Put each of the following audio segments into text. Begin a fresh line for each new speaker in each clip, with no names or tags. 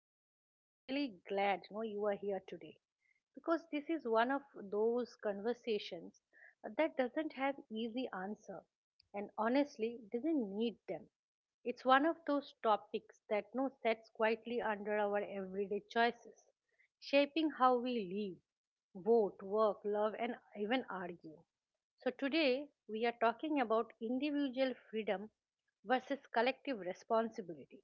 back. I'm really glad you are here today, because this is one of those conversations that doesn't have easy answer and honestly doesn't need them. It's one of those topics that no sets quietly under our everyday choices, shaping how we live, vote, work, love and even argue. So today we are talking about individual freedom versus collective responsibility,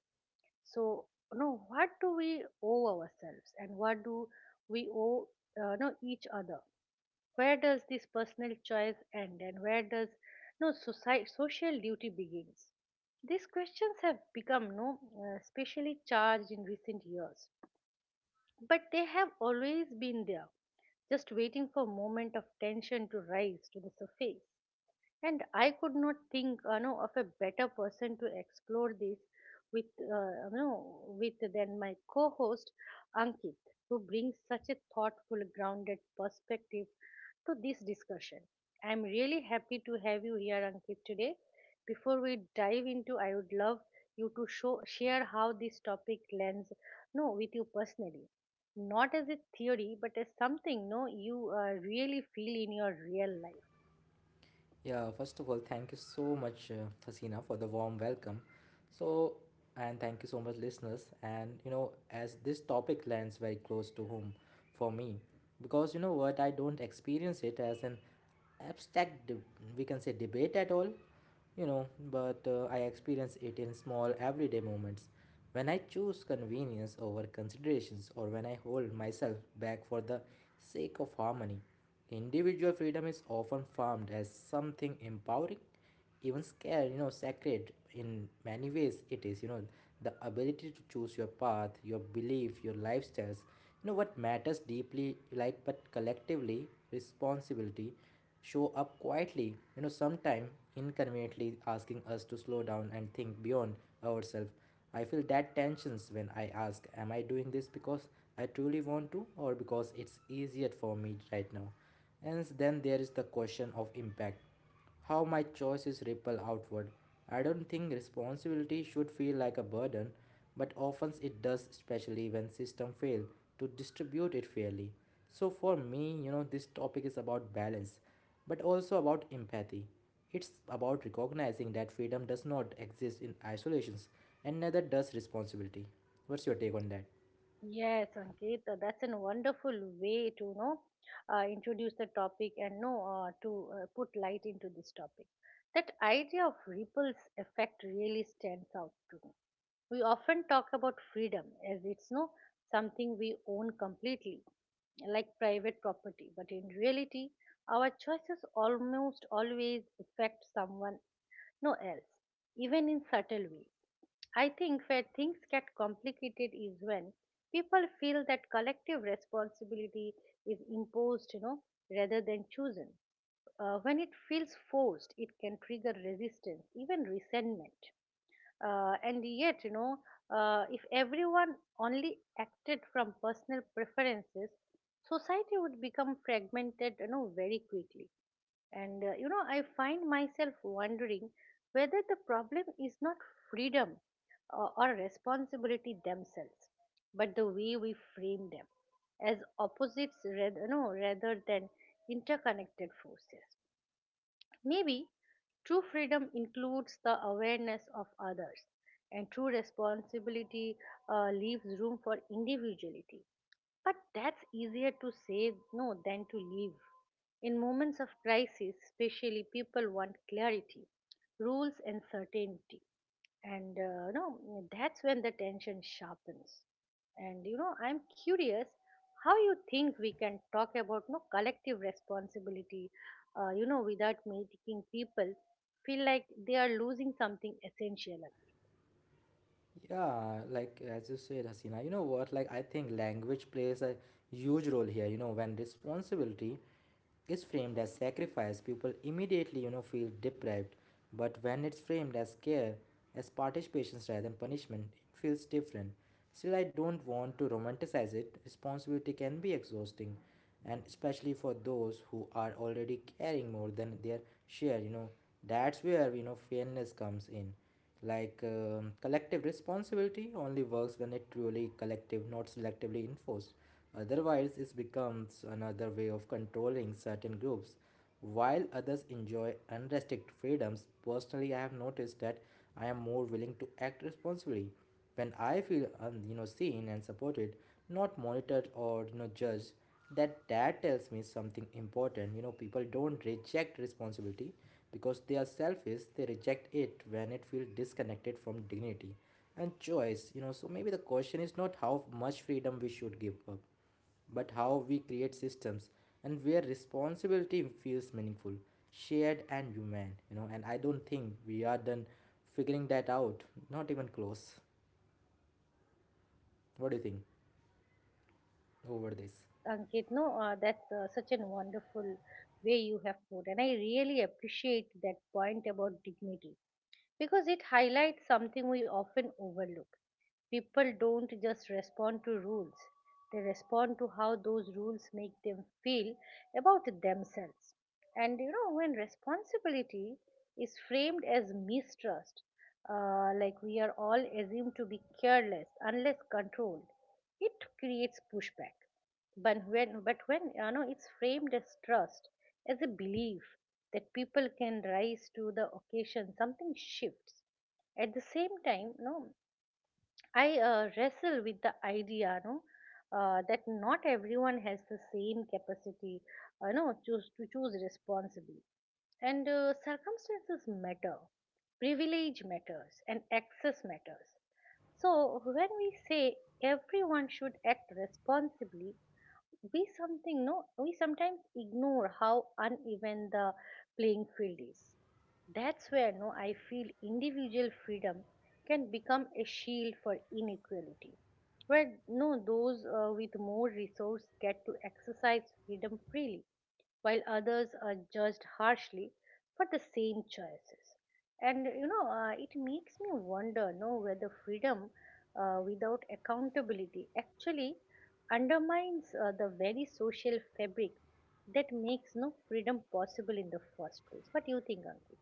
so no, what do we owe ourselves and what do we owe, no, each other? Where does this personal choice end and where does, no, society social duty begins? These questions have become, no, specially charged in recent years, but they have always been there, just waiting for a moment of tension to rise to the surface. And I could not think, of a better person to explore this with, with than my co-host Ankit, who brings such a thoughtful grounded perspective to this discussion. I'm really happy to have you here, Ankit, today. Before we dive into, I would love you to show share how this topic lands, no, with you personally, not as a theory but as something, no, you really feel in your real life.
Yeah, first of all, thank you so much, Hasina, for the warm welcome. So, and thank you so much, listeners. And as this topic lands very close to home for me, because I don't experience it as an abstract, de- we can say, debate at all you know, but I experience it in small everyday moments. When I choose convenience over considerations, or when I hold myself back for the sake of harmony, individual freedom is often formed as something empowering, even scared, sacred. In many ways, it is, the ability to choose your path, your belief, your lifestyles, what matters deeply, like, but collectively, responsibility show up quietly, sometimes inconveniently asking us to slow down and think beyond ourselves. I feel that tensions when I ask, am I doing this because I truly want to or because it's easier for me right now? And then there is the question of impact how my choices ripple outward. I don't think responsibility should feel like a burden, but often it does, especially when systems fail to distribute it fairly. So for me, this topic is about balance, but also about empathy. It's about recognizing that freedom does not exist in isolations and neither does responsibility. What's your take on that?
Yes, Ankita, that's a wonderful way to introduce the topic and know to put light into this topic. That idea of ripples effect really stands out to me. We often talk about freedom as it's no something we own completely, like private property, but in reality, our choices almost always affect someone, no, else, even in subtle ways. I think where things get complicated is when people feel that collective responsibility is imposed, rather than chosen. When it feels forced, it can trigger resistance, even resentment. And yet, if everyone only acted from personal preferences, society would become fragmented, very quickly. And I find myself wondering whether the problem is not freedom or responsibility themselves, but the way we frame them as opposites, rather, no, rather than interconnected forces. Maybe true freedom includes the awareness of others, and true responsibility leaves room for individuality. But that's easier to say, no, than to leave. In moments of crisis, especially, people want clarity, rules, and certainty, and that's when the tension sharpens. And I'm curious how you think we can talk about, no, collective responsibility without making people feel like they are losing something essential.
Yeah, like as you said, Hasina, you know what? Like, I think language plays a huge role here. When responsibility is framed as sacrifice, people immediately, feel deprived. But when it's framed as care, as participation rather than punishment, it feels different. Still, I don't want to romanticize it. Responsibility can be exhausting, and especially for those who are already caring more than their share, that's where, fairness comes in like collective responsibility only works when it truly collective, not selectively enforced. Otherwise, it becomes another way of controlling certain groups. While others enjoy unrestricted freedoms, personally, I have noticed that I am more willing to act responsibly when I feel seen and supported, not monitored or judged. That tells me something important. People don't reject responsibility because they are selfish. They reject it when it feels disconnected from dignity and choice. So maybe the question is not how much freedom we should give up, but how we create systems and where responsibility feels meaningful, shared, and human. And I don't think we are done figuring that out, not even close. What do you think over this?
Yes, Ankit, no, that's such an wonderful way you have put and I really appreciate that point about dignity, because it highlights something we often overlook. People don't just respond to rules, they respond to how those rules make them feel about themselves. And when responsibility is framed as mistrust, like we are all assumed to be careless unless controlled, it creates pushback. But when it's framed as trust, as a belief that people can rise to the occasion, something shifts. At the same time, no, I wrestle with the idea, no, that not everyone has the same capacity, no, choose to choose responsibly, and circumstances matter, privilege matters, and access matters. So when we say everyone should act responsibly, we something no we sometimes ignore how uneven the playing field is. That's where, no, I feel individual freedom can become a shield for inequality, where, no, those with more resource get to exercise freedom freely while others are judged harshly for the same choices. And it makes me wonder, no, whether freedom without accountability actually undermines the very social fabric that makes, no, freedom possible in the first place. What do you think, Ankit?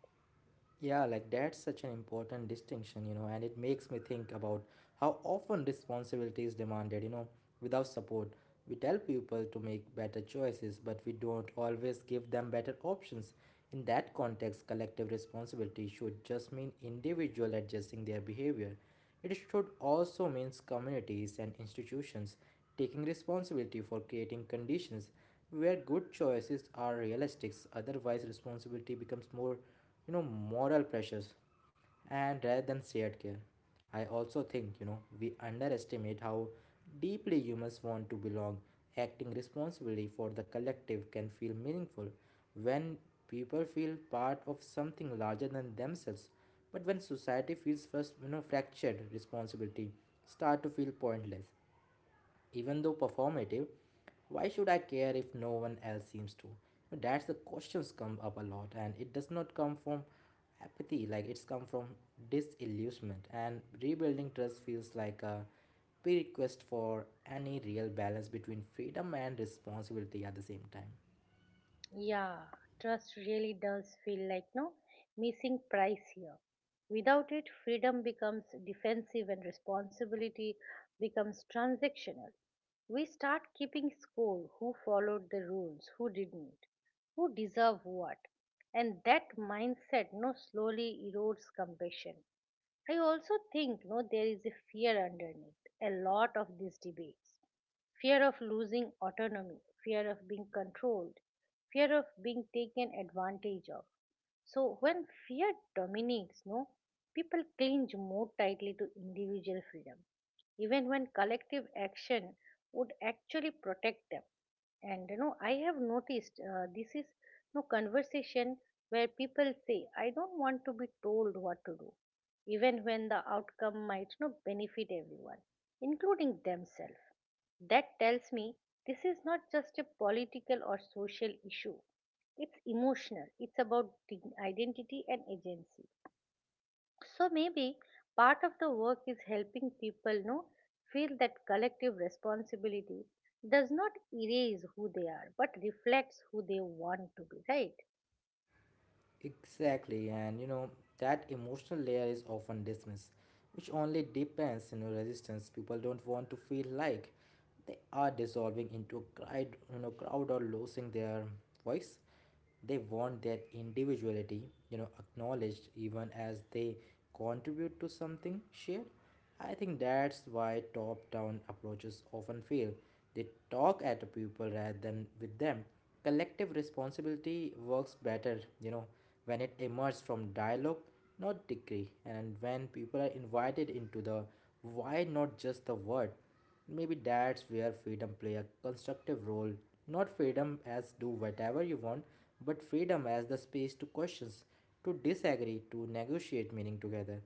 Yeah, like that's such an important distinction, and it makes me think about how often responsibility is demanded, without support. We tell people to make better choices, but we don't always give them better options. In that context, collective responsibility should just mean individual adjusting their behavior. It should also mean communities and institutions taking responsibility for creating conditions where good choices are realistic. Otherwise, responsibility becomes more moral pressures and rather than shared care. I also think we underestimate how deeply humans want to belong. Acting responsibly for the collective can feel meaningful when people feel part of something larger than themselves. But when society feels first, fractured, responsibility start to feel pointless, even though performative. Why should I care if no one else seems to? So that's the questions come up a lot and it does not come from apathy. Like it's come from disillusionment, and rebuilding trust feels like a prerequisite for any real balance between freedom and responsibility at the same time.
Yeah, trust really does feel like, no, missing price here. Without it, freedom becomes defensive and responsibility becomes transactional. We start keeping score, who followed the rules, who didn't, who deserve what. And that mindset, no, slowly erodes compassion. I also think, no, there is a fear underneath a lot of these debates, fear of losing autonomy, fear of being controlled, fear of being taken advantage of. So when fear dominates, no, people cling more tightly to individual freedom, even when collective action would actually protect them. And I have noticed this is, no, conversation where people say, "I don't want to be told what to do," even when the outcome might not benefit everyone, including themselves. That tells me this is not just a political or social issue. It's emotional. It's about the identity and agency. So maybe part of the work is helping people, know feel that collective responsibility does not erase who they are but reflects who they want to be, right?
Exactly, and that emotional layer is often dismissed, which only depends on your resistance. People don't want to feel like they are dissolving into a crowd, crowd or losing their voice. They want their individuality, acknowledged even as they contribute to something shared. I think that's why top down approaches often fail. They talk at the people rather than with them. Collective responsibility works better, when it emerges from dialogue, not decree, and when people are invited into the why, not just the word. Maybe that's where freedom play a constructive role. Not freedom as do whatever you want, but freedom as the space to questions, to disagree, to negotiate meaning together.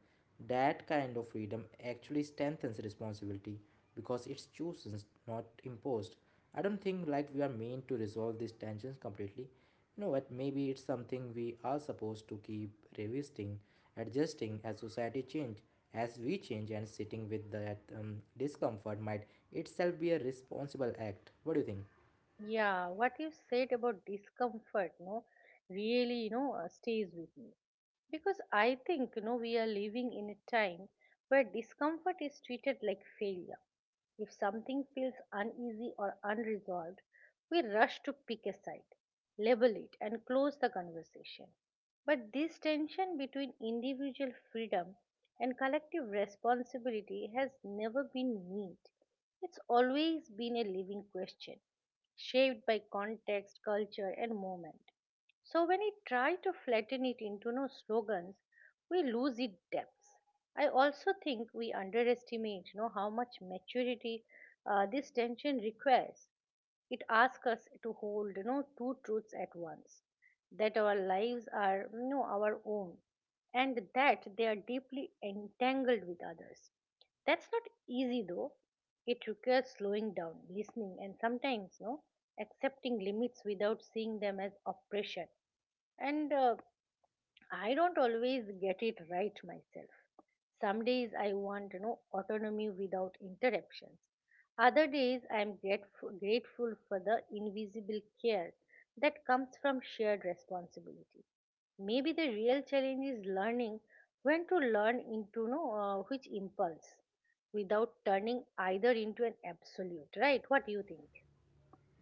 That kind of freedom actually strengthens responsibility because it's chosen, not imposed. I don't think like we are meant to resolve these tensions completely. You know what? Maybe it's something we are supposed to keep revisiting, adjusting as society change, as we change, and sitting with that discomfort might itself be a responsible act. What do you think?
Yeah, what you said about discomfort, no, really, stays with me. Because I think, we are living in a time where discomfort is treated like failure. If something feels uneasy or unresolved, we rush to pick a side, label it, and close the conversation. But this tension between individual freedom and collective responsibility has never been neat. It's always been a living question, shaped by context, culture, and moment. So when I try to flatten it into, no, slogans, we lose its depth. I also think we underestimate, how much maturity this tension requires. It asks us to hold, two truths at once: that our lives are, our own, and that they are deeply entangled with others. That's not easy though. It requires slowing down, listening, and sometimes, accepting limits without seeing them as oppression. And I don't always get it right myself. Some days I want, autonomy without interruptions. Other days I am grateful for the invisible care that comes from shared responsibility. Maybe the real challenge is learning when to learn into, no, which impulse without turning either into an absolute, right? What do you think?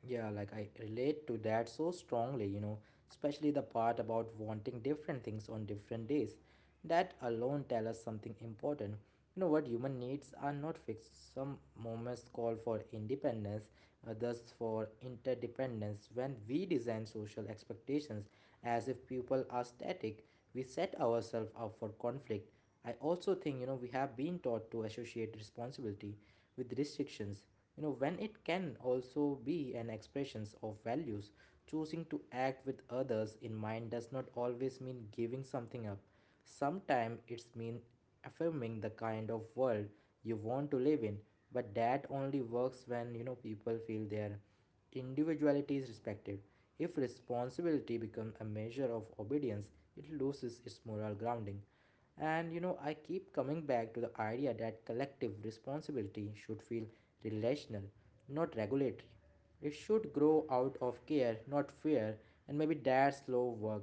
Yeah, like I relate to that so strongly, especially the part about wanting different things on different days. That alone tell us something important. You know what human needs are not fixed. Some moments call for independence, others for interdependence. When we design social expectations as if people are static, we set ourselves up for conflict. I also think, we have been taught to associate responsibility with restrictions, when it can also be an expression of values. Choosing to act with others in mind does not always mean giving something up. Sometimes it's mean affirming the kind of world you want to live in, but that only works when, people feel their individuality is respected. If responsibility becomes a measure of obedience, it loses its moral grounding. And I keep coming back to the idea that collective responsibility should feel relational, not regulatory. It should grow out of care, not fear, and maybe that slow work.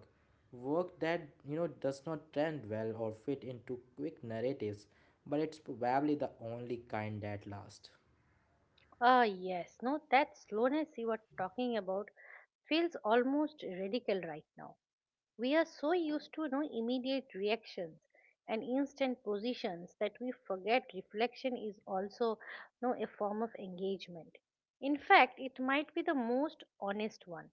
Work that, does not trend well or fit into quick narratives, but it's probably the only kind that lasts.
Ah, yes, no, that slowness you are talking about feels almost radical right now. We are so used to, immediate reactions and instant positions that we forget reflection is also, a form of engagement. In fact, it might be the most honest one.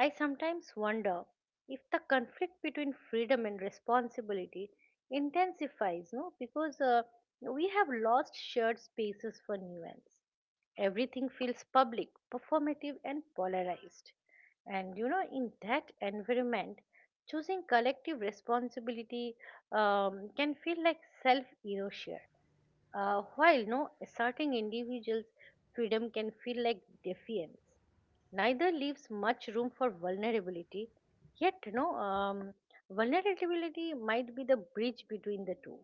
I sometimes wonder if the conflict between freedom and responsibility intensifies, no, because we have lost shared spaces for nuance. Everything feels public, performative, and polarized. And in that environment, choosing collective responsibility can feel like self erosion. While no asserting individuals' freedom can feel like defiance, neither leaves much room for vulnerability. Yet, no vulnerability might be the bridge between the two.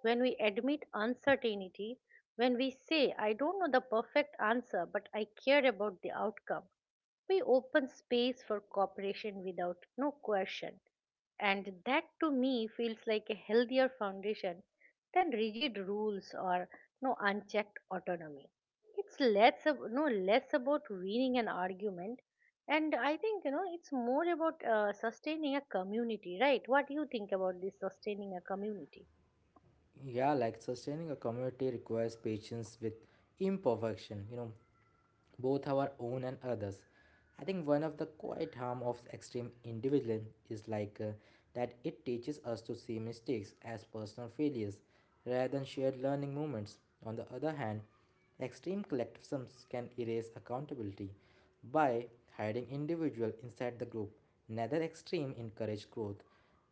When we admit uncertainty, when we say, "I don't know the perfect answer, but I care about the outcome," we open space for cooperation without, no, coercion, and that to me feels like a healthier foundation than rigid rules or, no, unchecked autonomy. It's less ab- no less about winning an argument, and I think it's more about sustaining a community, right? What do you think about this sustaining a community?
Yeah, like sustaining a community requires patience with imperfection, both our own and others. I think one of the quite harm of extreme individualism is like that it teaches us to see mistakes as personal failures rather than shared learning moments. On the other hand, extreme collectivisms can erase accountability by hiding individual inside the group. Neither extreme encourage growth.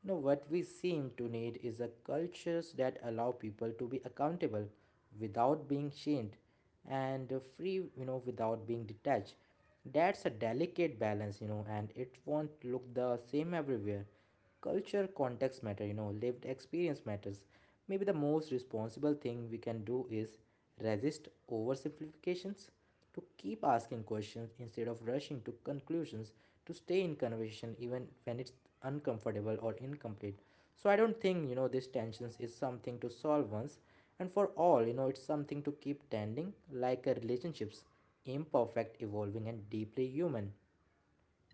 What we seem to need is a cultures that allow people to be accountable without being shamed and free, without being detached. That's a delicate balance, and it won't look the same everywhere. Culture context matter. Lived experience matters. Maybe the most responsible thing we can do is resist oversimplifications, to keep asking questions instead of rushing to conclusions, to stay in conversation even when it's uncomfortable or incomplete. So I don't think these tensions is something to solve once and for all. It's something to keep tending like a relationships, imperfect, evolving, and deeply human.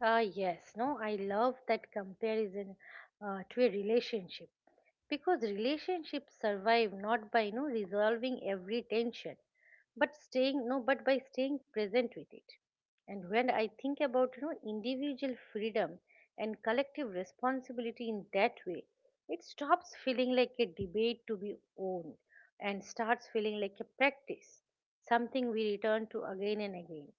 Ah, yes, no, I love that comparison to a relationship, because relationships survive not by, no, resolving every tension, but by staying present with it. And when I think about, individual freedom and collective responsibility in that way, it stops feeling like a debate to be owned and starts feeling like a practice, something we return to again and again.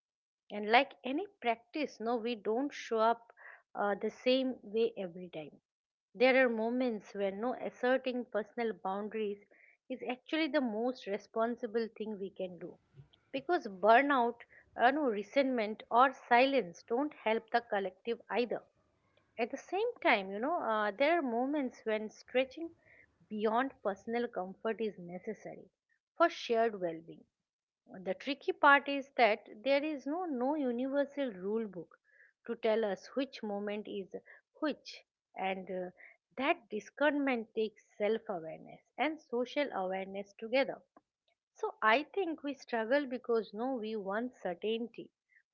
And like any practice, no, we don't show up the same way every time. There are moments where, no, asserting personal boundaries is actually the most responsible thing we can do, because burnout, no, resentment, or silence don't help the collective either. At the same time, there are moments when stretching beyond personal comfort is necessary for shared well being. The tricky part is that there is no universal rule book to tell us which moment is which, and that discernment takes self-awareness and social awareness together. So I think we struggle because, no, we want certainty,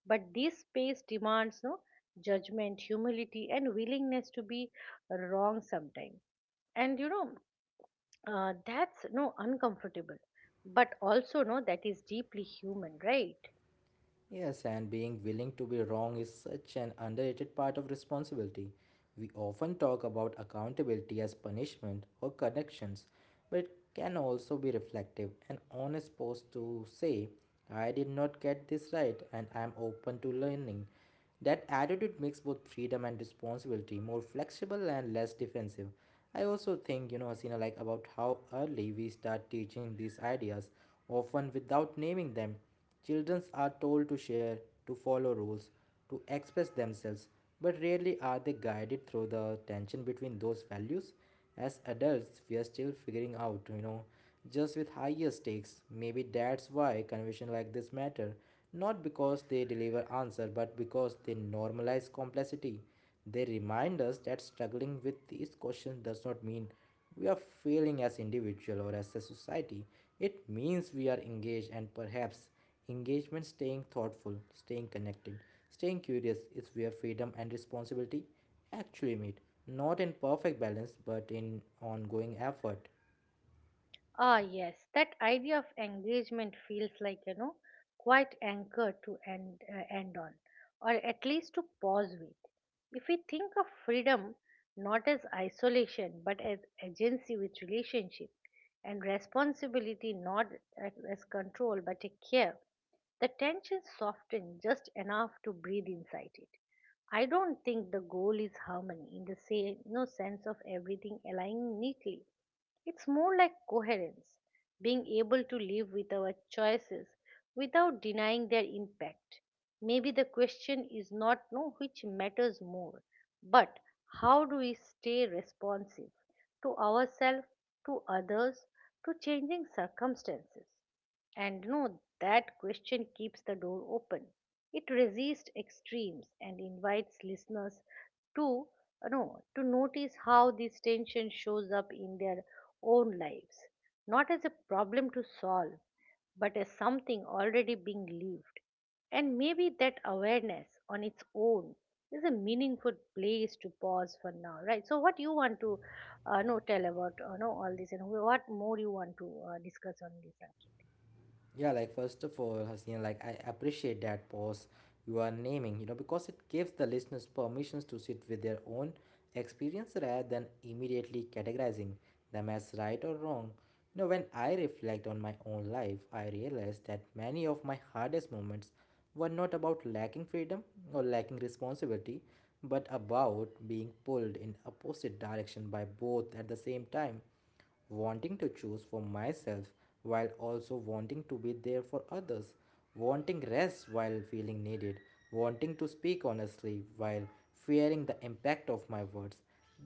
but this space demands, no, judgment, humility, and willingness to be wrong sometimes. And that's, no, uncomfortable, but also, no, that is deeply human, right?
Yes, and being willing to be wrong is such an underrated part of responsibility. We often talk about accountability as punishment or connections, but it can also be reflective. An honest pose to say, I did not get this right and I am open to learning. That attitude makes both freedom and responsibility more flexible and less defensive. I also think, Hasina, like about how early we start teaching these ideas, often without naming them. Children are told to share, to follow rules, to express themselves, but rarely are they guided through the tension between those values. As adults, we are still figuring out, just with higher stakes. Maybe that's why conversations like this matter, not because they deliver answer, but because they normalize complexity. They remind us that struggling with these questions does not mean we are failing as individual or as a society. It means we are engaged and perhaps engagement, staying thoughtful, staying connected, staying curious is where freedom and responsibility actually meet. Not in perfect balance, but in ongoing effort.
Ah, yes, that idea of engagement feels like, quite anchor to end on, or at least to pause with. If we think of freedom not as isolation but as agency with relationship, and responsibility not as control but a care, the tension softens just enough to breathe inside it. I don't think the goal is harmony in the same, no, sense of everything aligning neatly. It's more like coherence, being able to live with our choices without denying their impact. Maybe the question is not no which matters more, but how do we stay responsive to ourselves, to others, to changing circumstances? And no, that question keeps the door open. It resists extremes and invites listeners to no to notice how this tension shows up in their own lives, not as a problem to solve, but as something already being lived. And maybe that awareness on its own is a meaningful place to pause for now, right? So, what you want to know, tell about know all this, and what more you want to discuss on this? Ankit?
Yeah, like first of all, Hasina, like I appreciate that pause you are naming, because it gives the listeners permissions to sit with their own experience rather than immediately categorizing them as right or wrong. When I reflect on my own life, I realize that many of my hardest moments were not about lacking freedom or lacking responsibility, but about being pulled in opposite direction by both at the same time, wanting to choose for myself while also wanting to be there for others, wanting rest while feeling needed, wanting to speak honestly while fearing the impact of my words.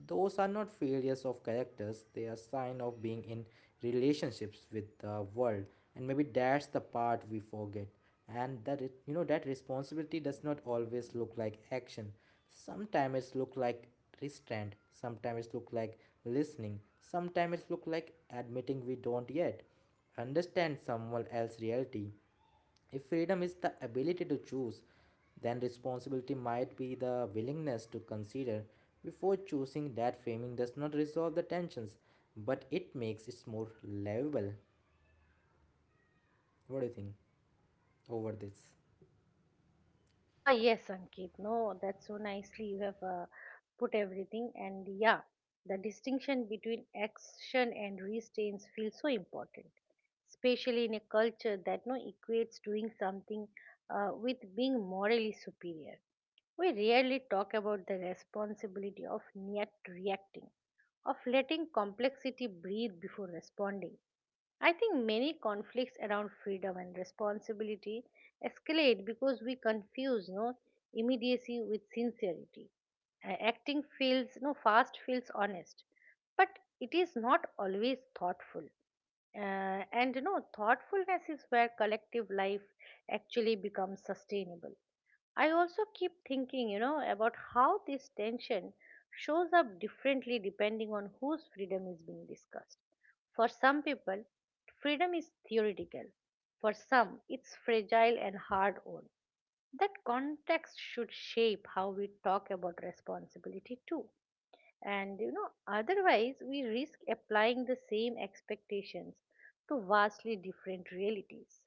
Those are not failures of characters, they are sign of being in relationships with the world, and maybe that's the part we forget. And that it, you know that responsibility does not always look like action. Sometimes it's look like restraint, sometimes it's look like listening, sometimes it's look like admitting we don't yet understand someone else's reality. If freedom is the ability to choose, then responsibility might be the willingness to consider before choosing. That framing does not resolve the tensions, but it makes it more livable. What do you think over this?
Ah, yes, Ankit. No, that's so nicely you have put everything. And yeah, the distinction between action and restraints feels so important, especially in a culture that no equates doing something with being morally superior. We rarely talk about the responsibility of not reacting, of letting complexity breathe before responding. I think many conflicts around freedom and responsibility escalate because we confuse no immediacy with sincerity. Acting feels no fast, feels honest, but it is not always thoughtful. And you know, thoughtfulness is where collective life actually becomes sustainable. I also keep thinking, you know, about how this tension shows up differently depending on whose freedom is being discussed. For some people, freedom is theoretical. For some, it's fragile and hard-won. That context should shape how we talk about responsibility too, and you know, otherwise we risk applying the same expectations to vastly different realities.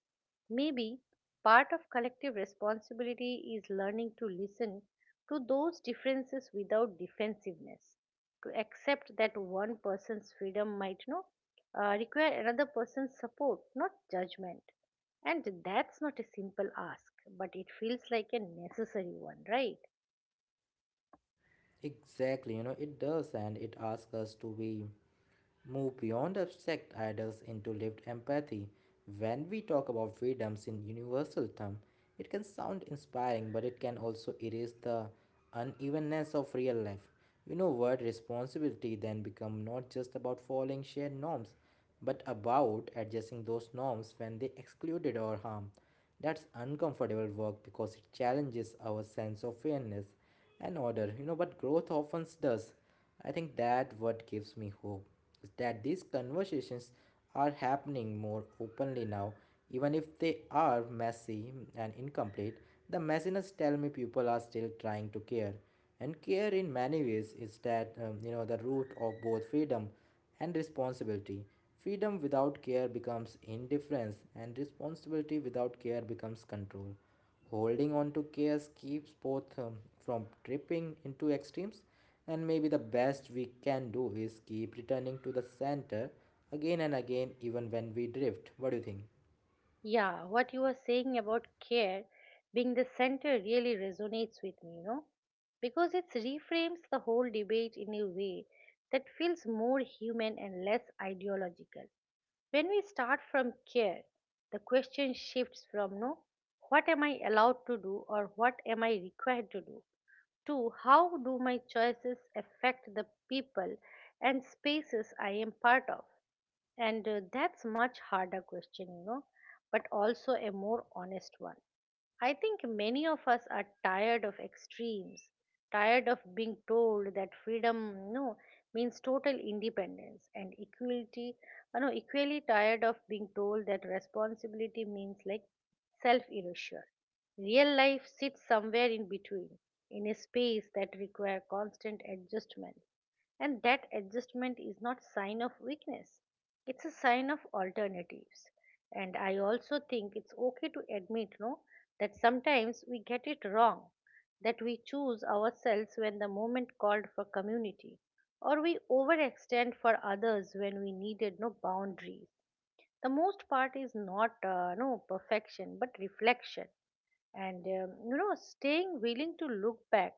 Maybe part of collective responsibility is learning to listen to those differences without defensiveness, to accept that one person's freedom might, you know, require another person's support, not judgment, and that's not a simple ask, but it feels like a necessary one, right?
Exactly, you know, it does, and it asks us to be move beyond abstract ideas into lived empathy. When we talk about freedoms in universal terms, it can sound inspiring, but it can also erase the unevenness of real life. You know what? Responsibility then become not just about following shared norms, but about adjusting those norms when they excluded or harm. That's uncomfortable work because it challenges our sense of fairness and order, you know, but growth often does. I think that what gives me hope is that these conversations are happening more openly now, even if they are messy and incomplete. The messiness tell me people are still trying to care, and care in many ways is that you know, the root of both freedom and responsibility. Freedom without care becomes indifference, and responsibility without care becomes control. Holding on to chaos keeps both from tripping into extremes, and maybe the best we can do is keep returning to the center again and again, even when we drift. What do you think?
Yeah, what you were saying about care being the center really resonates with me, you know, because it reframes the whole debate in a way that feels more human and less ideological. When we start from care, the question shifts from no, what am I allowed to do or what am I required to do, to how do my choices affect the people and spaces I am part of. And that's much harder question, you know, but also a more honest one. I think many of us are tired of extremes, tired of being told that freedom, no, means total independence and equality. Know equally tired of being told that responsibility means like self-erasure. Real life sits somewhere in between, in a space that requires constant adjustment, and that adjustment is not sign of weakness, it's a sign of alternatives. And I also think it's okay to admit no that sometimes we get it wrong, that we choose ourselves when the moment called for community, or we overextend for others when we needed no boundaries the most. Part is not no perfection but reflection, and you know, staying willing to look back,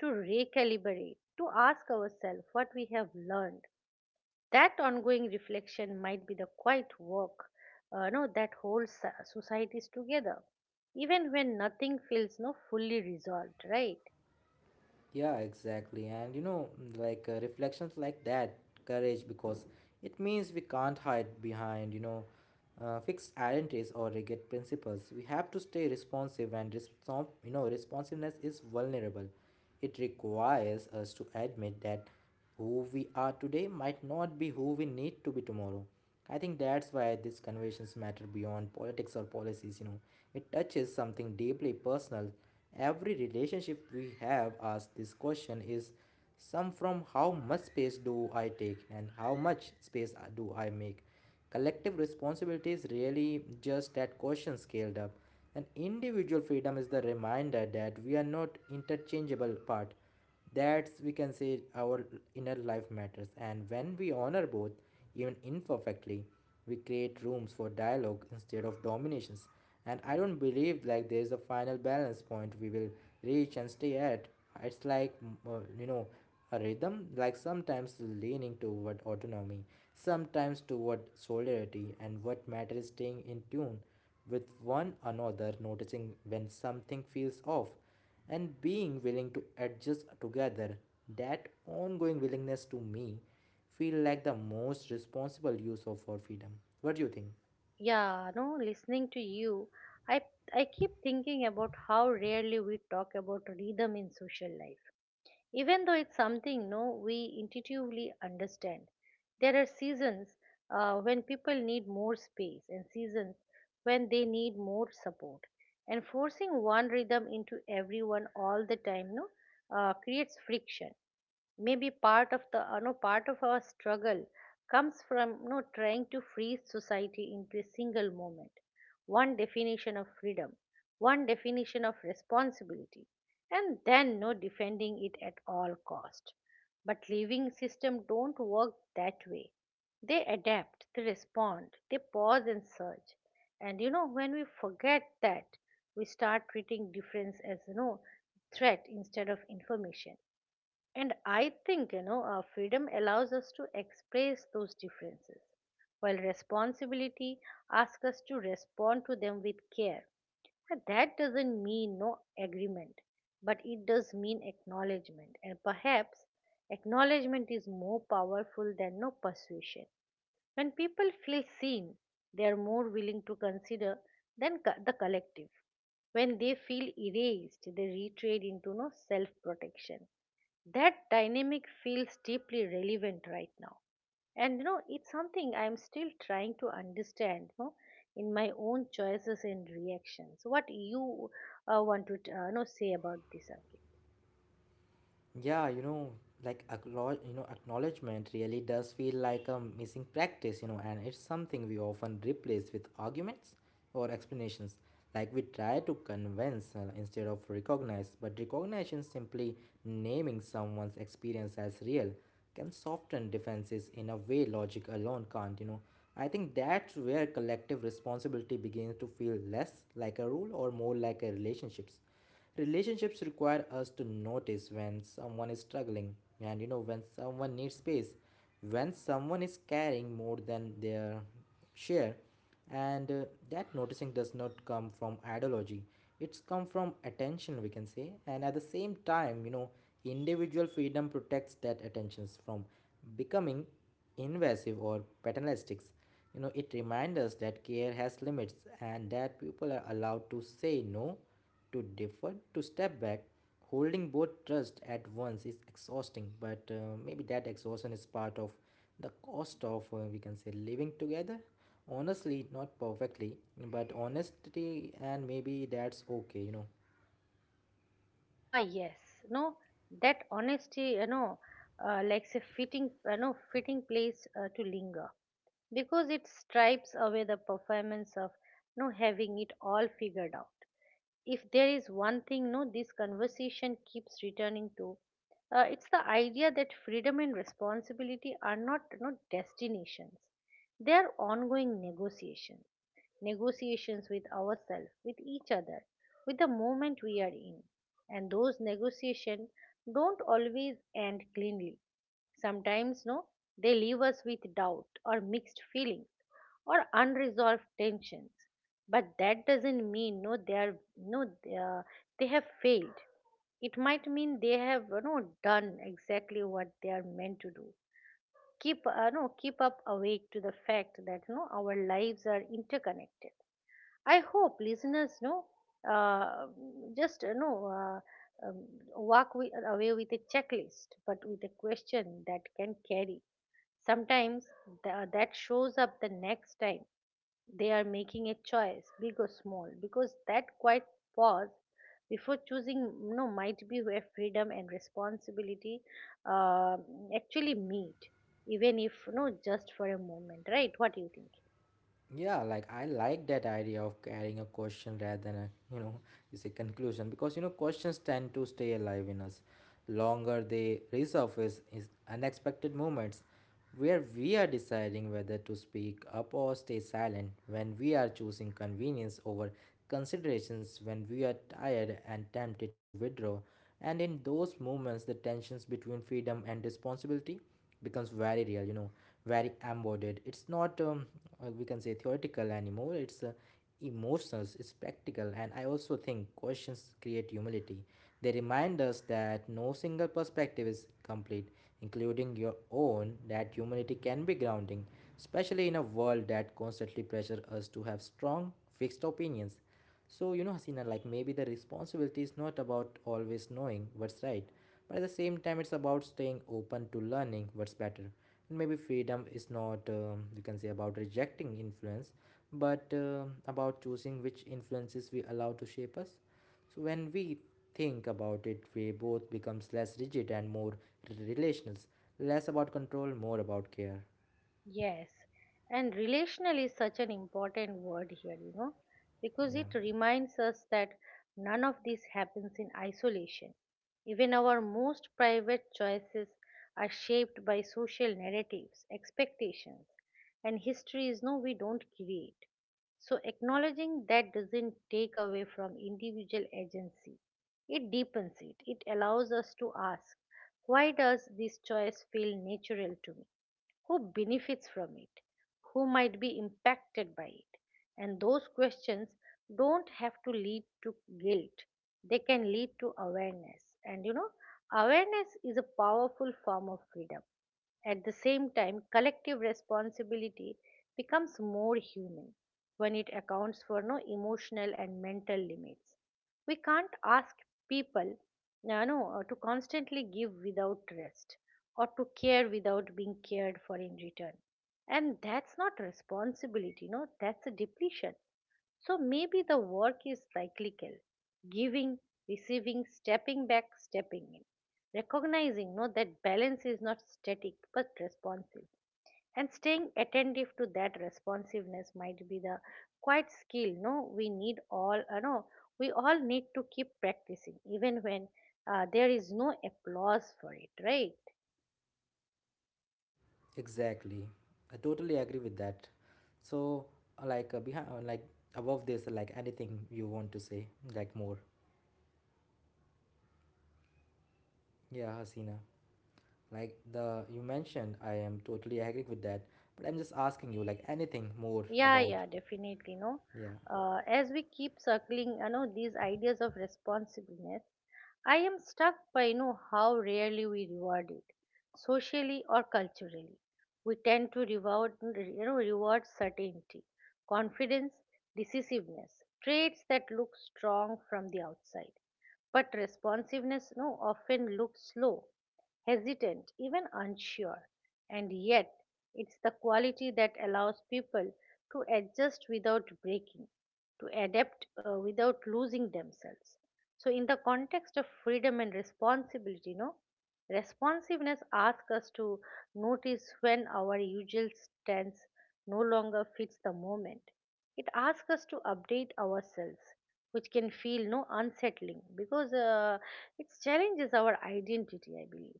to recalibrate, to ask ourselves what we have learned. That ongoing reflection might be the quiet work no that holds societies together even when nothing feels no fully resolved, right?
Yeah, exactly. And you know, reflections like that, courage, because it means we can't hide behind, you know, fixed identities or rigid principles. We have to stay responsive, and response, you know, responsiveness is vulnerable. It requires us to admit that who we are today might not be who we need to be tomorrow. I think that's why these conversations matter beyond politics or policies, you know. It touches something deeply personal. Every relationship we have asks this question is some from how much space do I take and how much space do I make. Collective responsibility is really just that question scaled up. And individual freedom is the reminder that we are not interchangeable part, that's we can say our inner life matters, and when we honor both, even imperfectly, we create rooms for dialogue instead of dominations. And I don't believe like there is a final balance point we will reach and stay at. It's like you know, a rhythm, like sometimes leaning toward autonomy, sometimes toward solidarity, and what matters is staying in tune with one another, noticing when something feels off and being willing to adjust together. That ongoing willingness to me feel like the most responsible use of our freedom. What do you think?
Yeah, no, listening to you, i I keep thinking about how rarely we talk about rhythm in social life, even though it's something no we intuitively understand. There are seasons when people need more space, and seasons when they need more support, and forcing one rhythm into everyone all the time, no creates friction. Maybe part of the, you know, part of our struggle comes from, you know, trying to freeze society into a single moment, one definition of freedom, one definition of responsibility, and then no defending it at all cost. But living system don't work that way. They adapt, they respond, they pause and search. And you know, when we forget that, we start treating difference as, you know, threat instead of information. And I think, you know, our freedom allows us to express those differences, while responsibility asks us to respond to them with care. And that doesn't mean no agreement, but it does mean acknowledgement. And perhaps acknowledgement is more powerful than no persuasion. When people feel seen, they are more willing to consider than the collective. When they feel erased, they retreat into no self protection. That dynamic feels deeply relevant right now, and you know, it's something I'm still trying to understand, you know, in my own choices and reactions. What you want to you know, say about this, Ankit?
Yeah, you know, like acknowledgement really does feel like a missing practice, you know, and it's something we often replace with arguments or explanations. Like we try to convince instead of recognize, but recognition simply naming someone's experience as real can soften defenses in a way logic alone can't, you know. I think that's where collective responsibility begins to feel less like a rule or more like a relationships. Relationships require us to notice when someone is struggling, and you know, when someone needs space, when someone is carrying more than their share, and that noticing does not come from ideology. It's come from attention, we can say. And at the same time, you know, individual freedom protects that attentions from becoming invasive or paternalistic. You know, it reminds us that care has limits, and that people are allowed to say no, to defer, to step back. Holding both trust at once is exhausting, but maybe that exhaustion is part of the cost of, we can say, living together. Honestly, not perfectly, but honestly, and maybe that's okay, you know.
Ah, yes. No, that honesty, you know, likes a fitting, you know, fitting place to linger, because it stripes away the performance of, you know, having it all figured out. If there is one thing no this conversation keeps returning to, it's the idea that freedom and responsibility are not destinations. They are ongoing negotiations, negotiations with ourselves, with each other, with the moment we are in. And those negotiations don't always end cleanly. Sometimes, no, they leave us with doubt or mixed feelings or unresolved tensions. But that doesn't mean no, they are no, they, are- they have failed. It might mean they have, you know, done exactly what they are meant to do. Keep no, keep up awake to the fact that no, our lives are interconnected. I hope listeners know uh, just you know, walk wi away with a checklist, but with a question that can carry. Sometimes that shows up the next time they are making a choice, big or small, because that quiet pause before choosing, you know, might be where freedom and responsibility uh, actually meet, even if, you know, just for a moment, right? What do you think?
Yeah, like I like that idea of carrying a question rather than a, you know, it's a conclusion, because you know, questions tend to stay alive in us longer. They resurface in unexpected moments where we are deciding whether to speak up or stay silent, when we are choosing convenience over considerations, when we are tired and tempted to withdraw. And in those moments, the tensions between freedom and responsibility becomes very real, you know, very embodied. It's not we can say theoretical anymore, it's emotional, it's practical. And I also think questions create humility. They remind us that no single perspective is complete, including your own. That humility can be grounding, especially in a world that constantly pressures us to have strong, fixed opinions. So, you know, Hasina, like maybe the responsibility is not about always knowing what's right, but at the same time, it's about staying open to learning what's better. And maybe freedom is not, you can say, about rejecting influence, but about choosing which influences we allow to shape us. So when we think about it, we both becomes less rigid and more relational, less about control, more about care.
Yes, and relational is such an important word here, you know, because
Yeah.
it reminds us that none of this happens in isolation. Even our most private choices are shaped by social narratives, expectations, and history is we don't create. So acknowledging that doesn't take away from individual agency. It deepens it, it allows us to ask, why does this choice feel natural to me? Who benefits from it? Who might be impacted by it? And those questions don't have to lead to guilt, they can lead to awareness. And you know, awareness is a powerful form of freedom. At the same time, collective responsibility becomes more human when it accounts for no emotional and mental limits. We can't ask people, you know, to constantly give without rest, or to care without being cared for in return. And that's not responsibility, no, that's a depletion. So maybe the work is cyclical: giving, receiving, stepping back, stepping in. Recognizing no, that balance is not static but responsive, and staying attentive to that responsiveness might be the quite skill no we need all no we all need to keep practicing, even when there is no applause for it, right?
Exactly. I totally agree with that. So, behind, like above this, like anything you want to say, like more. Yeah, Hasina. Like the you mentioned, I am totally agree with that. But I'm just asking you, like anything more
Yeah,
about.
yeah, definitely. No,
Yeah.
as we keep circling, you know, these ideas of responsiveness, I am struck by, you know, how rarely we reward it, socially or culturally. We tend to reward, you know, reward certainty, confidence, decisiveness, traits that look strong from the outside. But responsiveness, no, often looks slow, hesitant, even unsure. And yet, it's the quality that allows people to adjust without breaking, to adapt without losing themselves. So, in the context of freedom and responsibility, no, responsiveness asks us to notice when our usual stance no longer fits the moment. It asks us to update ourselves, which can feel no unsettling, because it challenges our identity, I believe.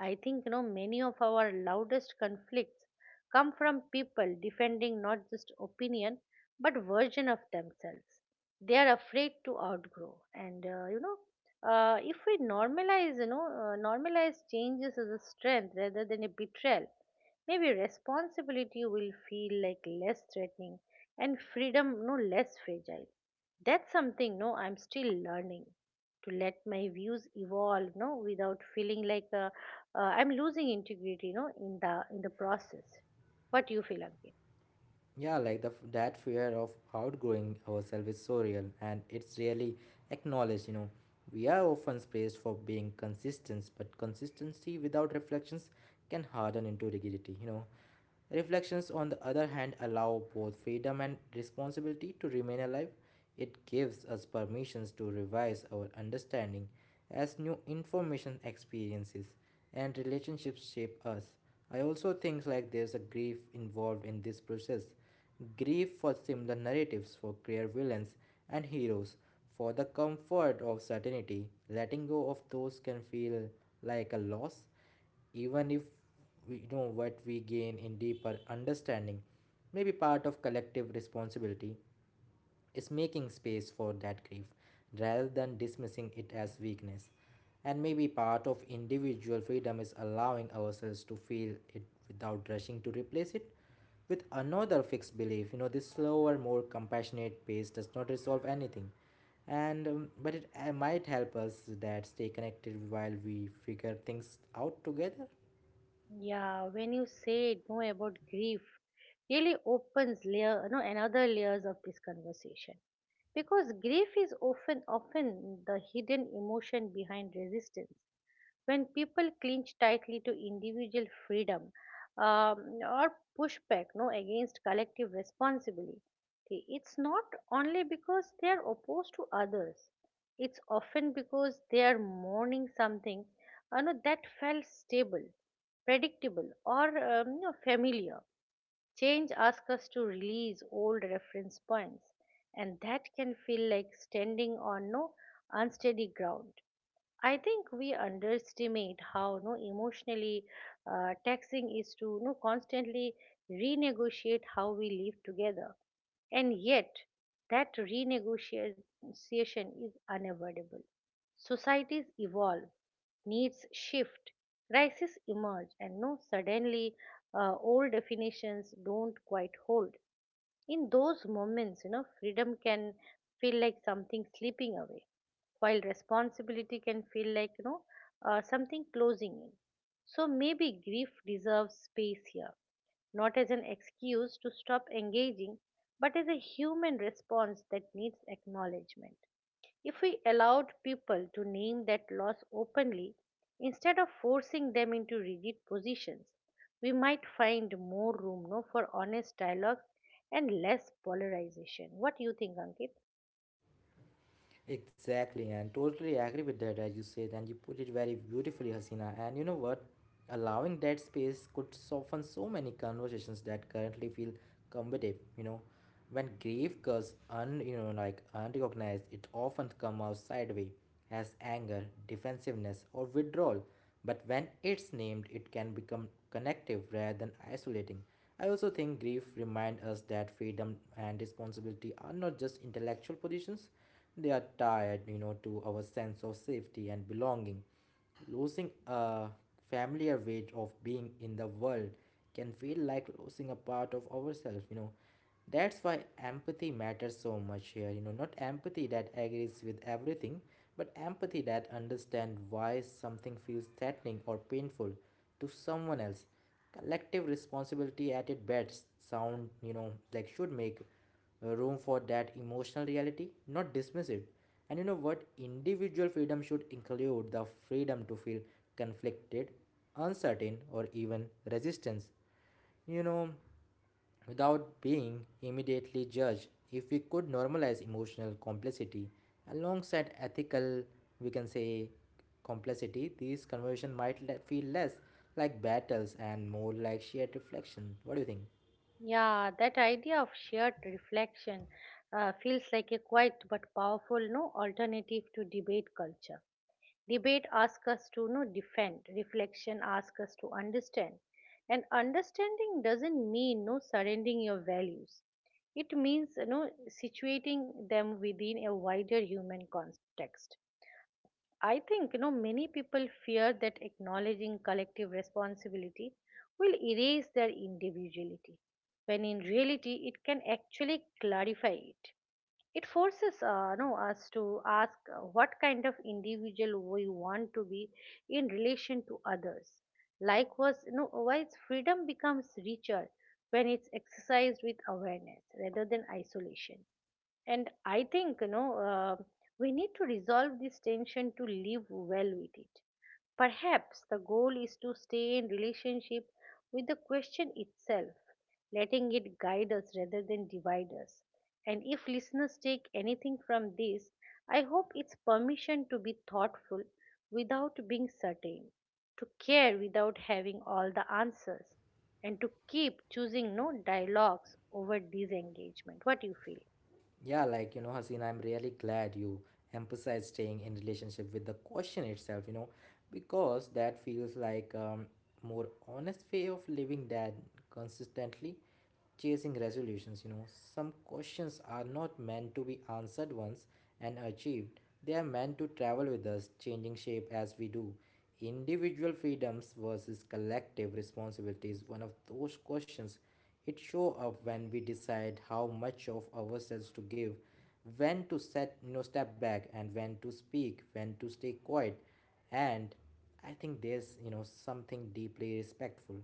I think, you know, many of our loudest conflicts come from people defending not just opinion but version of themselves. They are afraid to outgrow, and you know, if we normalize, you know, normalize changes as a strength rather than a betrayal, maybe responsibility will feel like less threatening and freedom no less fragile. That's something no I'm still learning, to let my views evolve without feeling like I'm losing integrity no in the process. What do you feel, Ankit?
Yeah, like the that fear of outgrowing ourselves is so real, and it's really acknowledged. You know, we are often praised for being consistent, but consistency without reflections can harden into rigidity. You know, reflections on the other hand allow both freedom and responsibility to remain alive. It gives us permissions to revise our understanding as new information experiences and relationships shape us. I also think like there's a grief involved in this process. Grief for similar narratives, for clear villains and heroes, for the comfort of certainty. Letting go of those can feel like a loss, even if we know what we gain in deeper understanding. May be part of collective responsibility is making space for that grief rather than dismissing it as weakness. And maybe part of individual freedom is allowing ourselves to feel it without rushing to replace it with another fixed belief. You know, this slower, more compassionate pace does not resolve anything. And but it might help us that stay connected while we figure things out together.
Yeah, when you say it more about grief, really opens layer, no, another layers of this conversation. Because grief is often, often the hidden emotion behind resistance. When people cling tightly to individual freedom, or pushback, no, against collective responsibility, it's not only because they are opposed to others. It's often because they are mourning something, you know, that felt stable, predictable, or you know, familiar. Change asks us to release old reference points, and that can feel like standing on no unsteady ground. I think we underestimate how no emotionally taxing is to no constantly renegotiate how we live together, and yet that renegotiation is unavoidable. Societies evolve, needs shift, crises emerge, and no suddenly old definitions don't quite hold. In those moments, you know, freedom can feel like something slipping away, while responsibility can feel like, you know, something closing in. So maybe grief deserves space here, not as an excuse to stop engaging, but as a human response that needs acknowledgement. If we allowed people to name that loss openly, instead of forcing them into rigid positions, we might find more room no, for honest dialogues and less polarization. What do you think, Ankit?
Exactly, and totally agree with that, as you said, and you put it very beautifully, Hasina. And you know what? Allowing that space could soften so many conversations that currently feel combative. You know, when grief goes un, you know, like unrecognized, it often comes out sideways as anger, defensiveness, or withdrawal. But when it's named, it can become connective rather than isolating. I also think grief reminds us that freedom and responsibility are not just intellectual positions, they are tied, you know, to our sense of safety and belonging. Losing a familiar way of being in the world can feel like losing a part of ourselves, you know. That's why empathy matters so much here, you know, not empathy that agrees with everything, but empathy that understands why something feels threatening or painful to someone else. Collective responsibility at its best sound, you know, like should make room for that emotional reality, not dismiss it. And you know what? Individual freedom should include the freedom to feel conflicted, uncertain, or even resistance. You know, without being immediately judged, if we could normalize emotional complexity alongside ethical, we can say, complexity, these conversations might feel less like battles and more like shared reflection. What do you think?
Yeah, that idea of shared reflection feels like a quiet but powerful no alternative to debate culture. Debate asks us to, you know, defend, reflection asks us to understand. And understanding doesn't mean no surrendering your values. It means, you know, situating them within a wider human context. I think, you know, many people fear that acknowledging collective responsibility will erase their individuality, when in reality it can actually clarify it. It forces no, us to ask what kind of individual we want to be in relation to others. Likewise, no, wise freedom becomes richer when it's exercised with awareness rather than isolation. And I think, you know, we need to resolve this tension to live well with it. Perhaps the goal is to stay in relationship with the question itself, letting it guide us rather than divide us. And if listeners take anything from this, I hope it's permission to be thoughtful without being certain, to care without having all the answers, and to keep choosing no dialogues over disengagement. What do you feel?
Yeah, like you know, Hasina, I'm really glad you emphasize staying in relationship with the question itself, you know, because that feels like more honest way of living that consistently chasing resolutions. You know, some questions are not meant to be answered once and achieved, they are meant to travel with us, changing shape as we do. Individual freedoms versus collective responsibility is one of those questions. It show up when we decide how much of ourselves to give, when to set, you know, step back, and when to speak, when to stay quiet. And I think there's, you know, something deeply respectful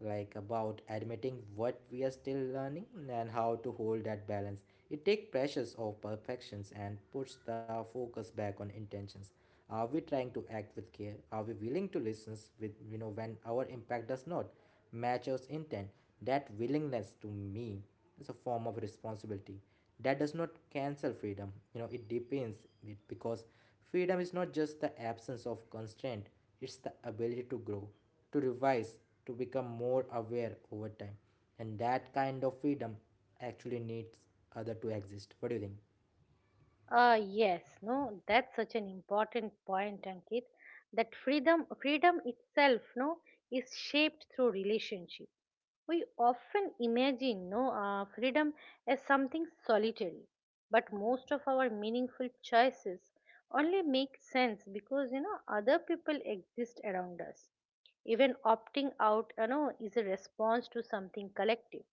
like about admitting what we are still learning and how to hold that balance. It takes pressures of perfections and puts the focus back on intentions. Are we trying to act with care? Are we willing to listen with, you know, when our impact does not match our intent? That willingness to me is a form of responsibility. That does not cancel freedom. You know, it depends it, because freedom is not just the absence of constraint, it's the ability to grow, to revise, to become more aware over time. And that kind of freedom actually needs other to exist. What do you think?
Yes, no, that's such an important point, Ankit. That freedom itself, no, is shaped through relationship. We often imagine, no, freedom as something solitary, but most of our meaningful choices only make sense because, you know, other people exist around us. Even opting out, you know, is a response to something collective.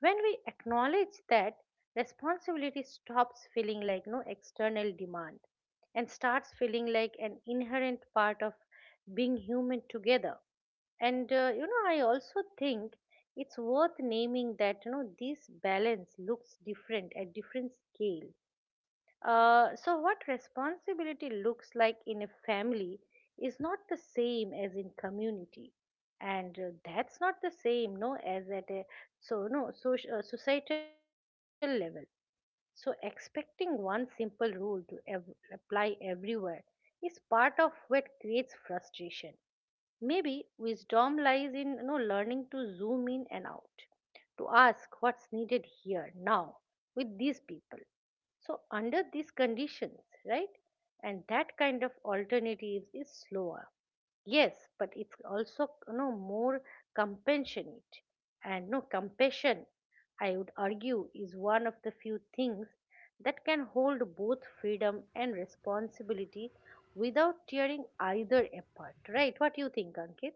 When we acknowledge that, responsibility stops feeling like no external demand and starts feeling like an inherent part of being human together. And you know, I also think it's worth naming that, you know, this balance looks different at different scale. So what responsibility looks like in a family is not the same as in community, and that's not the same no as at a so no soci- societal level. So expecting one simple rule to apply everywhere is part of what creates frustration. Maybe wisdom lies in, you know, learning to zoom in and out, to ask what's needed here, now, with these people. So, under these conditions, right? And that kind of alternatives is slower, yes, but it's also, you know, more compassionate. And no compassion, I would argue, is one of the few things that can hold both freedom and responsibility without tearing either apart, right? What do you think, Ankit?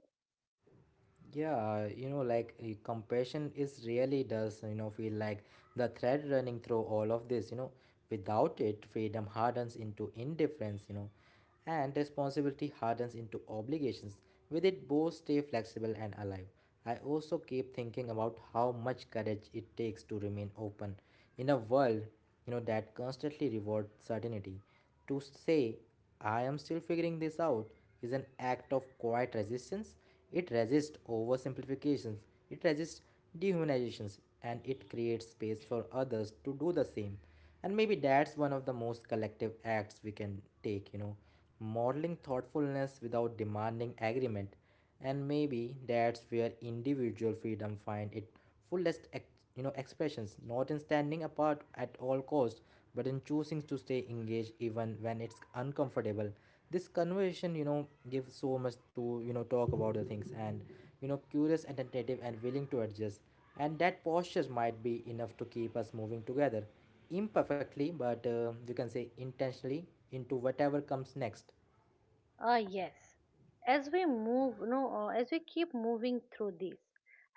Yeah, you know, compassion is really does, you know, feel like the thread running through all of this, you know. Without it, freedom hardens into indifference, you know, and responsibility hardens into obligations. With it, both stay flexible and alive. I also keep thinking about how much courage it takes to remain open in a world, that constantly rewards certainty. To say, I am still figuring this out, is an act of quiet resistance. It resists oversimplifications, it resists dehumanizations, and it creates space for others to do the same. And maybe that's one of the most collective acts we can take, modeling thoughtfulness without demanding agreement, and maybe that's where individual freedom find it fullest expressions, not in standing apart at all costs, but in choosing to stay engaged even when it's uncomfortable. This conversation, gives so much to talk about the things, and curious and attentive and willing to adjust, and that posture might be enough to keep us moving together imperfectly but you can say intentionally into whatever comes next.
Ah, yes. As we move, no, As we keep moving through this,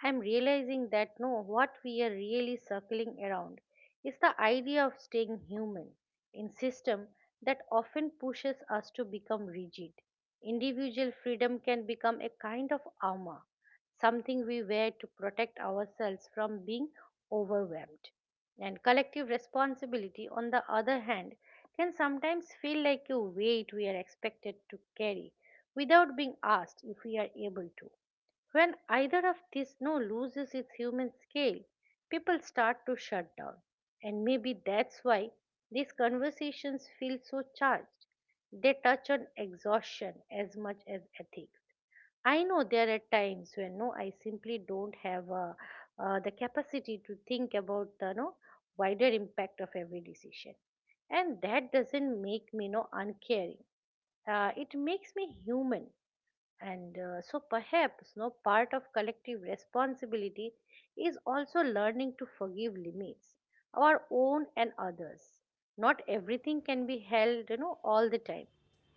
I'm realizing that no, what we are really circling around is the idea of staying human in system that often pushes us to become rigid. Individual freedom can become a kind of armor, something we wear to protect ourselves from being overwhelmed, and collective responsibility, on the other hand, can sometimes feel like a weight we are expected to carry without being asked if we are able to. When either of these no loses its human scale, people start to shut down. And maybe that's why these conversations feel so charged. They touch on exhaustion as much as ethics. I know there are times when I simply don't have the capacity to think about the no wider impact of every decision, and that doesn't make me no uncaring. It makes me human. And so perhaps no part of collective responsibility is also learning to forgive limits, our own and others. Not everything can be held, you know, all the time.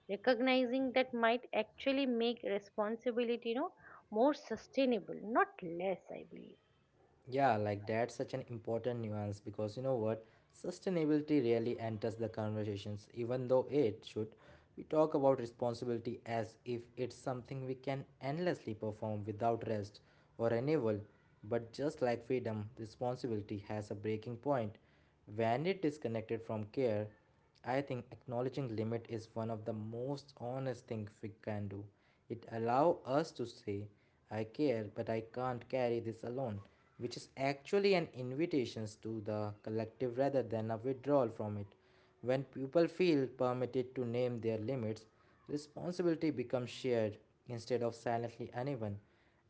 Recognizing that might actually make responsibility, you know, more sustainable, not less, I believe.
Yeah, like that's such an important nuance because you know what? Sustainability rarely enters the conversations, even though it should. We talk about responsibility as if it's something we can endlessly perform without rest or renewal. But just like freedom, responsibility has a breaking point. When it is connected from care, I think acknowledging limit is one of the most honest things we can do. It allows us to say, I care, but I can't carry this alone, which is actually an invitation to the collective rather than a withdrawal from it. When people feel permitted to name their limits, responsibility becomes shared instead of silently uneven,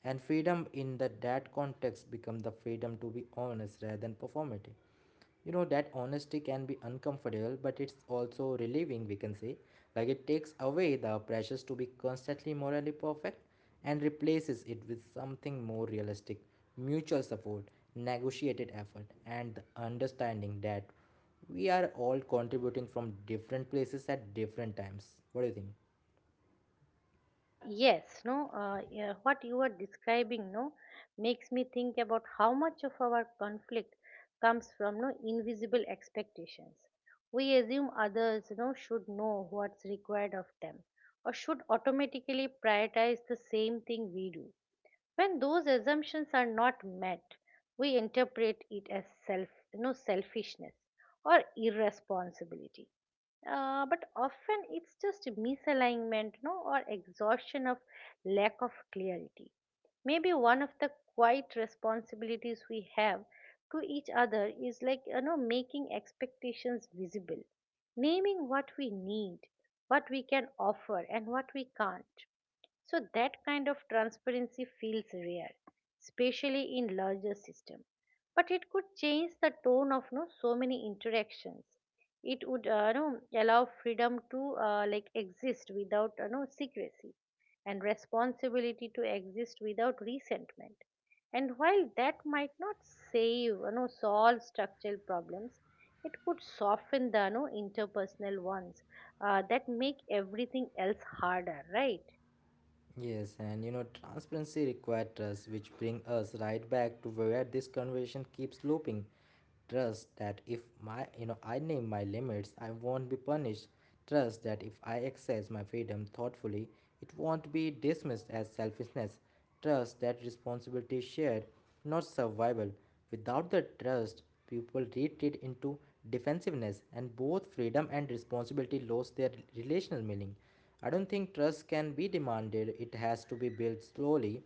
and freedom in the, that context becomes the freedom to be honest rather than performative. That honesty can be uncomfortable, but it's also relieving, we can say. Like, it takes away the pressures to be constantly morally perfect and replaces it with something more realistic: mutual support, negotiated effort, and the understanding that we are all contributing from different places at different times. What do you think?
Yes, no, yeah, what you are describing, no, makes me think about how much of our conflict comes from no invisible expectations. We assume others, you know, should know what's required of them or should automatically prioritize the same thing we do. When those assumptions are not met, we interpret it as self, you know, selfishness or irresponsibility. But often it's just misalignment, no or exhaustion of lack of clarity. Maybe one of the quiet responsibilities we have to each other is, like, you know, making expectations visible, naming what we need, what we can offer, and what we can't. So that kind of transparency feels rare, especially in larger system. But it could change the tone of no so many interactions. It would no, allow freedom to, like, exist without no secrecy, and responsibility to exist without resentment. And while that might not save you know solve structural problems, it could soften the, you know, interpersonal ones that make everything else harder, right?
Yes, and you know, transparency requires trust, which brings us right back to where this conversation keeps looping. Trust that if my, I name my limits, I won't be punished. Trust that if I exercise my freedom thoughtfully, it won't be dismissed as selfishness. Trust that responsibility is shared, not survival. Without the trust, people retreat into defensiveness, and both freedom and responsibility lose their relational meaning. I don't think trust can be demanded, it has to be built slowly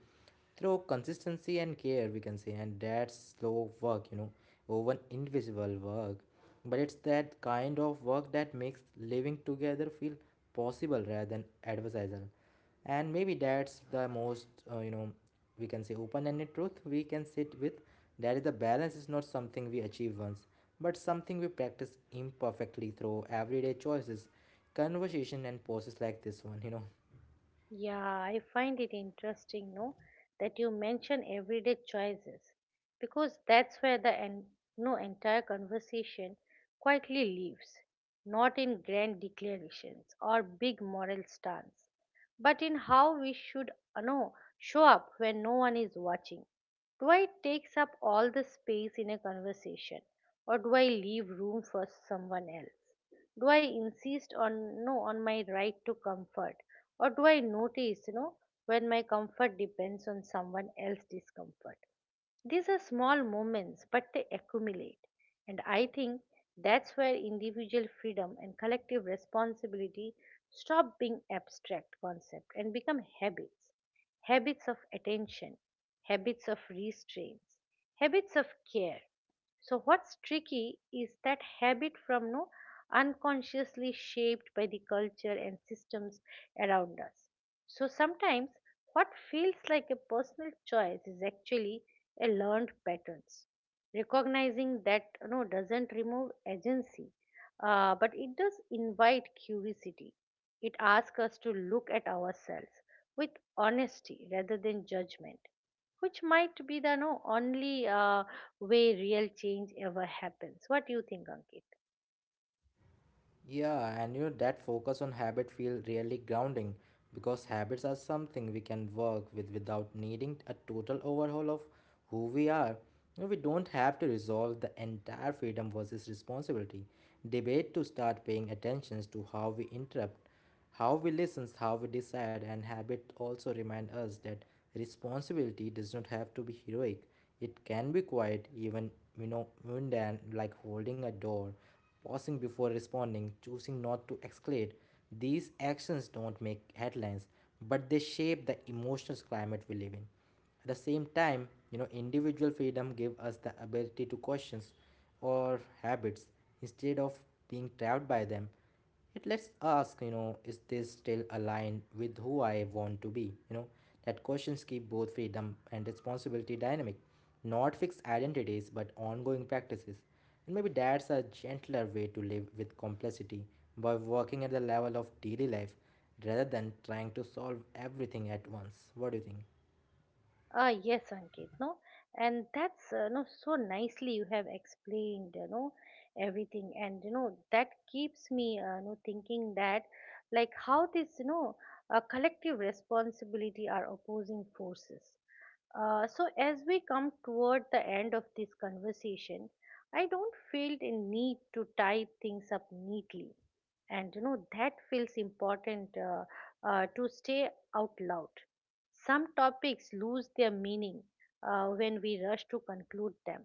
through consistency and care, we can say, and that's slow work, you know, over invisible work. But it's that kind of work that makes living together feel possible rather than adversarial. And maybe that's the most we can say open-ended truth we can sit with. That is, the balance is not something we achieve once, but something we practice imperfectly through everyday choices, conversation, and pauses like this one, you know.
Yeah, I find it interesting, no, that you mention everyday choices because that's where the en- no entire conversation quietly lives, not in grand declarations or big moral stance, but in how we should show up when no one is watching. Do I takes up all the space in a conversation, or do I leave room for someone else? Do I insist on no on my right to comfort, or do I notice, you know, when my comfort depends on someone else's discomfort? These are small moments, but they accumulate. And I think that's where individual freedom and collective responsibility stop being abstract concepts and become habits. Habits of attention, habits of restraints, habits of care. So what's tricky is that habit from no unconsciously shaped by the culture and systems around us. So sometimes what feels like a personal choice is actually a learned patterns. Recognizing that, you know, doesn't remove agency, but it does invite curiosity. It asks us to look at ourselves with honesty rather than judgment, which might be the no, only way real change ever happens. What do you think, Ankit?
Yeah, and you know that focus on habit feel really grounding, because habits are something we can work with without needing a total overhaul of who we are. You know, we don't have to resolve the entire freedom versus responsibility debate to start paying attention to how we interrupt, how we listen, how we decide. And habit also remind us that responsibility does not have to be heroic. It can be quiet, even mundane, like holding a door, pausing before responding, choosing not to escalate. These actions don't make headlines, but they shape the emotional climate we live in. At the same time, you know, individual freedom give us the ability to questions or habits instead of being trapped by them. It lets ask, is this still aligned with who I want to be? you know that questions keep both freedom and responsibility dynamic, not fixed identities but ongoing practices. And maybe that's a gentler way to live with complexity, by working at the level of daily life rather than trying to solve everything at once. What do you think?
Ah, yes, Ankit, no, and that's no so nicely you have explained, you know, everything. And you know that keeps me, you know, thinking that, like, how this, you know, collective responsibility are opposing forces. So as we come toward the end of this conversation, I don't feel the need to tie things up neatly. And you know that feels important, to stay out loud. Some topics lose their meaning when we rush to conclude them,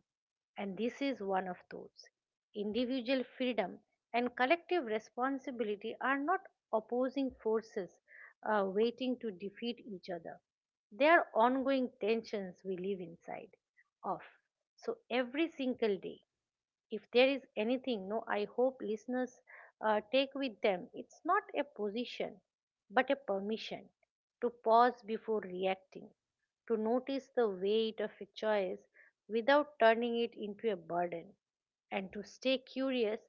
and this is one of those. Individual freedom and collective responsibility are not opposing forces waiting to defeat each other. They are ongoing tensions we live inside of so every single day. If there is anything, no I hope listeners take with them, it's not a position but a permission to pause before reacting, to notice the weight of a choice without turning it into a burden, and to stay curious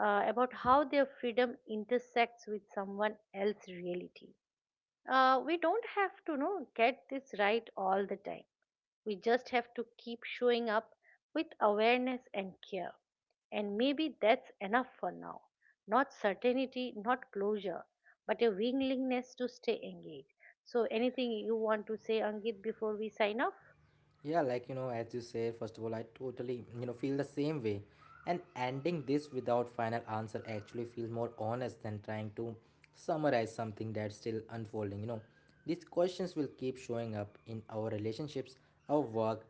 about how their freedom intersects with someone else's reality. We don't have to, you know, get this right all the time. We just have to keep showing up with awareness and care. And maybe that's enough for now. Not certainty, not closure, but a willingness to stay engaged. So, anything you want to say, Angit, before we sign off?
Yeah, like you know, as you said, first of all, I totally feel the same way, and ending this without final answer actually feels more honest than trying to summarize something that's still unfolding. You know, these questions will keep showing up in our relationships, our work,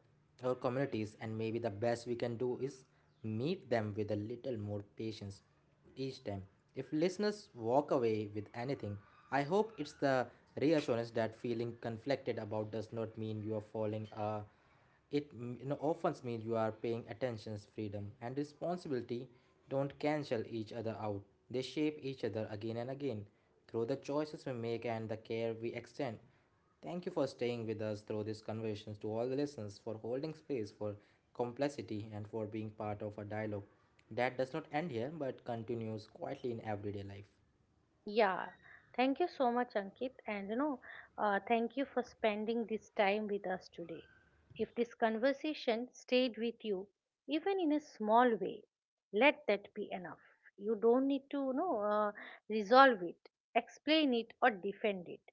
our communities, and maybe the best we can do is meet them with a little more patience each time. If listeners walk away with anything, I hope it's the reassurance that feeling conflicted about does not mean you are falling. It often means you are paying attention's freedom and responsibility don't cancel each other out. They shape each other again and again through the choices we make and the care we extend. Thank you for staying with us through these conversations, to all the listeners, for holding space for complexity, and for being part of a dialogue that does not end here but continues quietly in everyday life.
Yeah, thank you so much, Ankit. And you know, thank you for spending this time with us today. If this conversation stayed with you, even in a small way, let that be enough. You don't need to, resolve it, explain it, or defend it.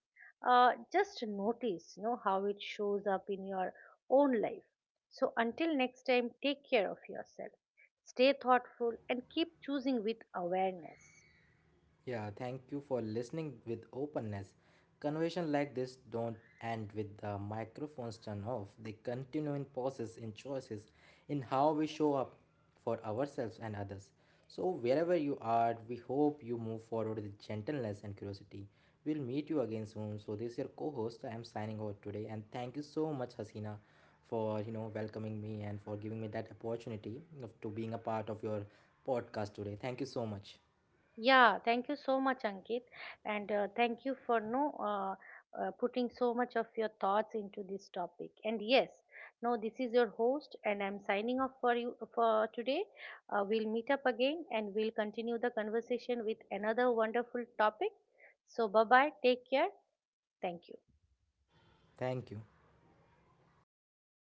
Just notice, you know, how it shows up in your own life. So until next time, take care of yourself. Stay thoughtful and keep choosing with awareness.
Yeah, thank you for listening with openness. Conversation like this don't end with the microphones turned off. They continue in pauses, in choices, in how we show up for ourselves and others. So wherever you are, we hope you move forward with gentleness and curiosity. We'll meet you again soon. So this is your co-host. I am signing out today, and thank you so much, Hasina, for welcoming me and for giving me that opportunity of to being a part of your podcast today. Thank you so much.
Yeah, thank you so much, Ankit, and thank you for no putting so much of your thoughts into this topic. And yes, no, this is your host, and I'm signing off for you for today. We'll meet up again, and we'll continue the conversation with another wonderful topic. So, bye bye. Take care. Thank you.
Thank you.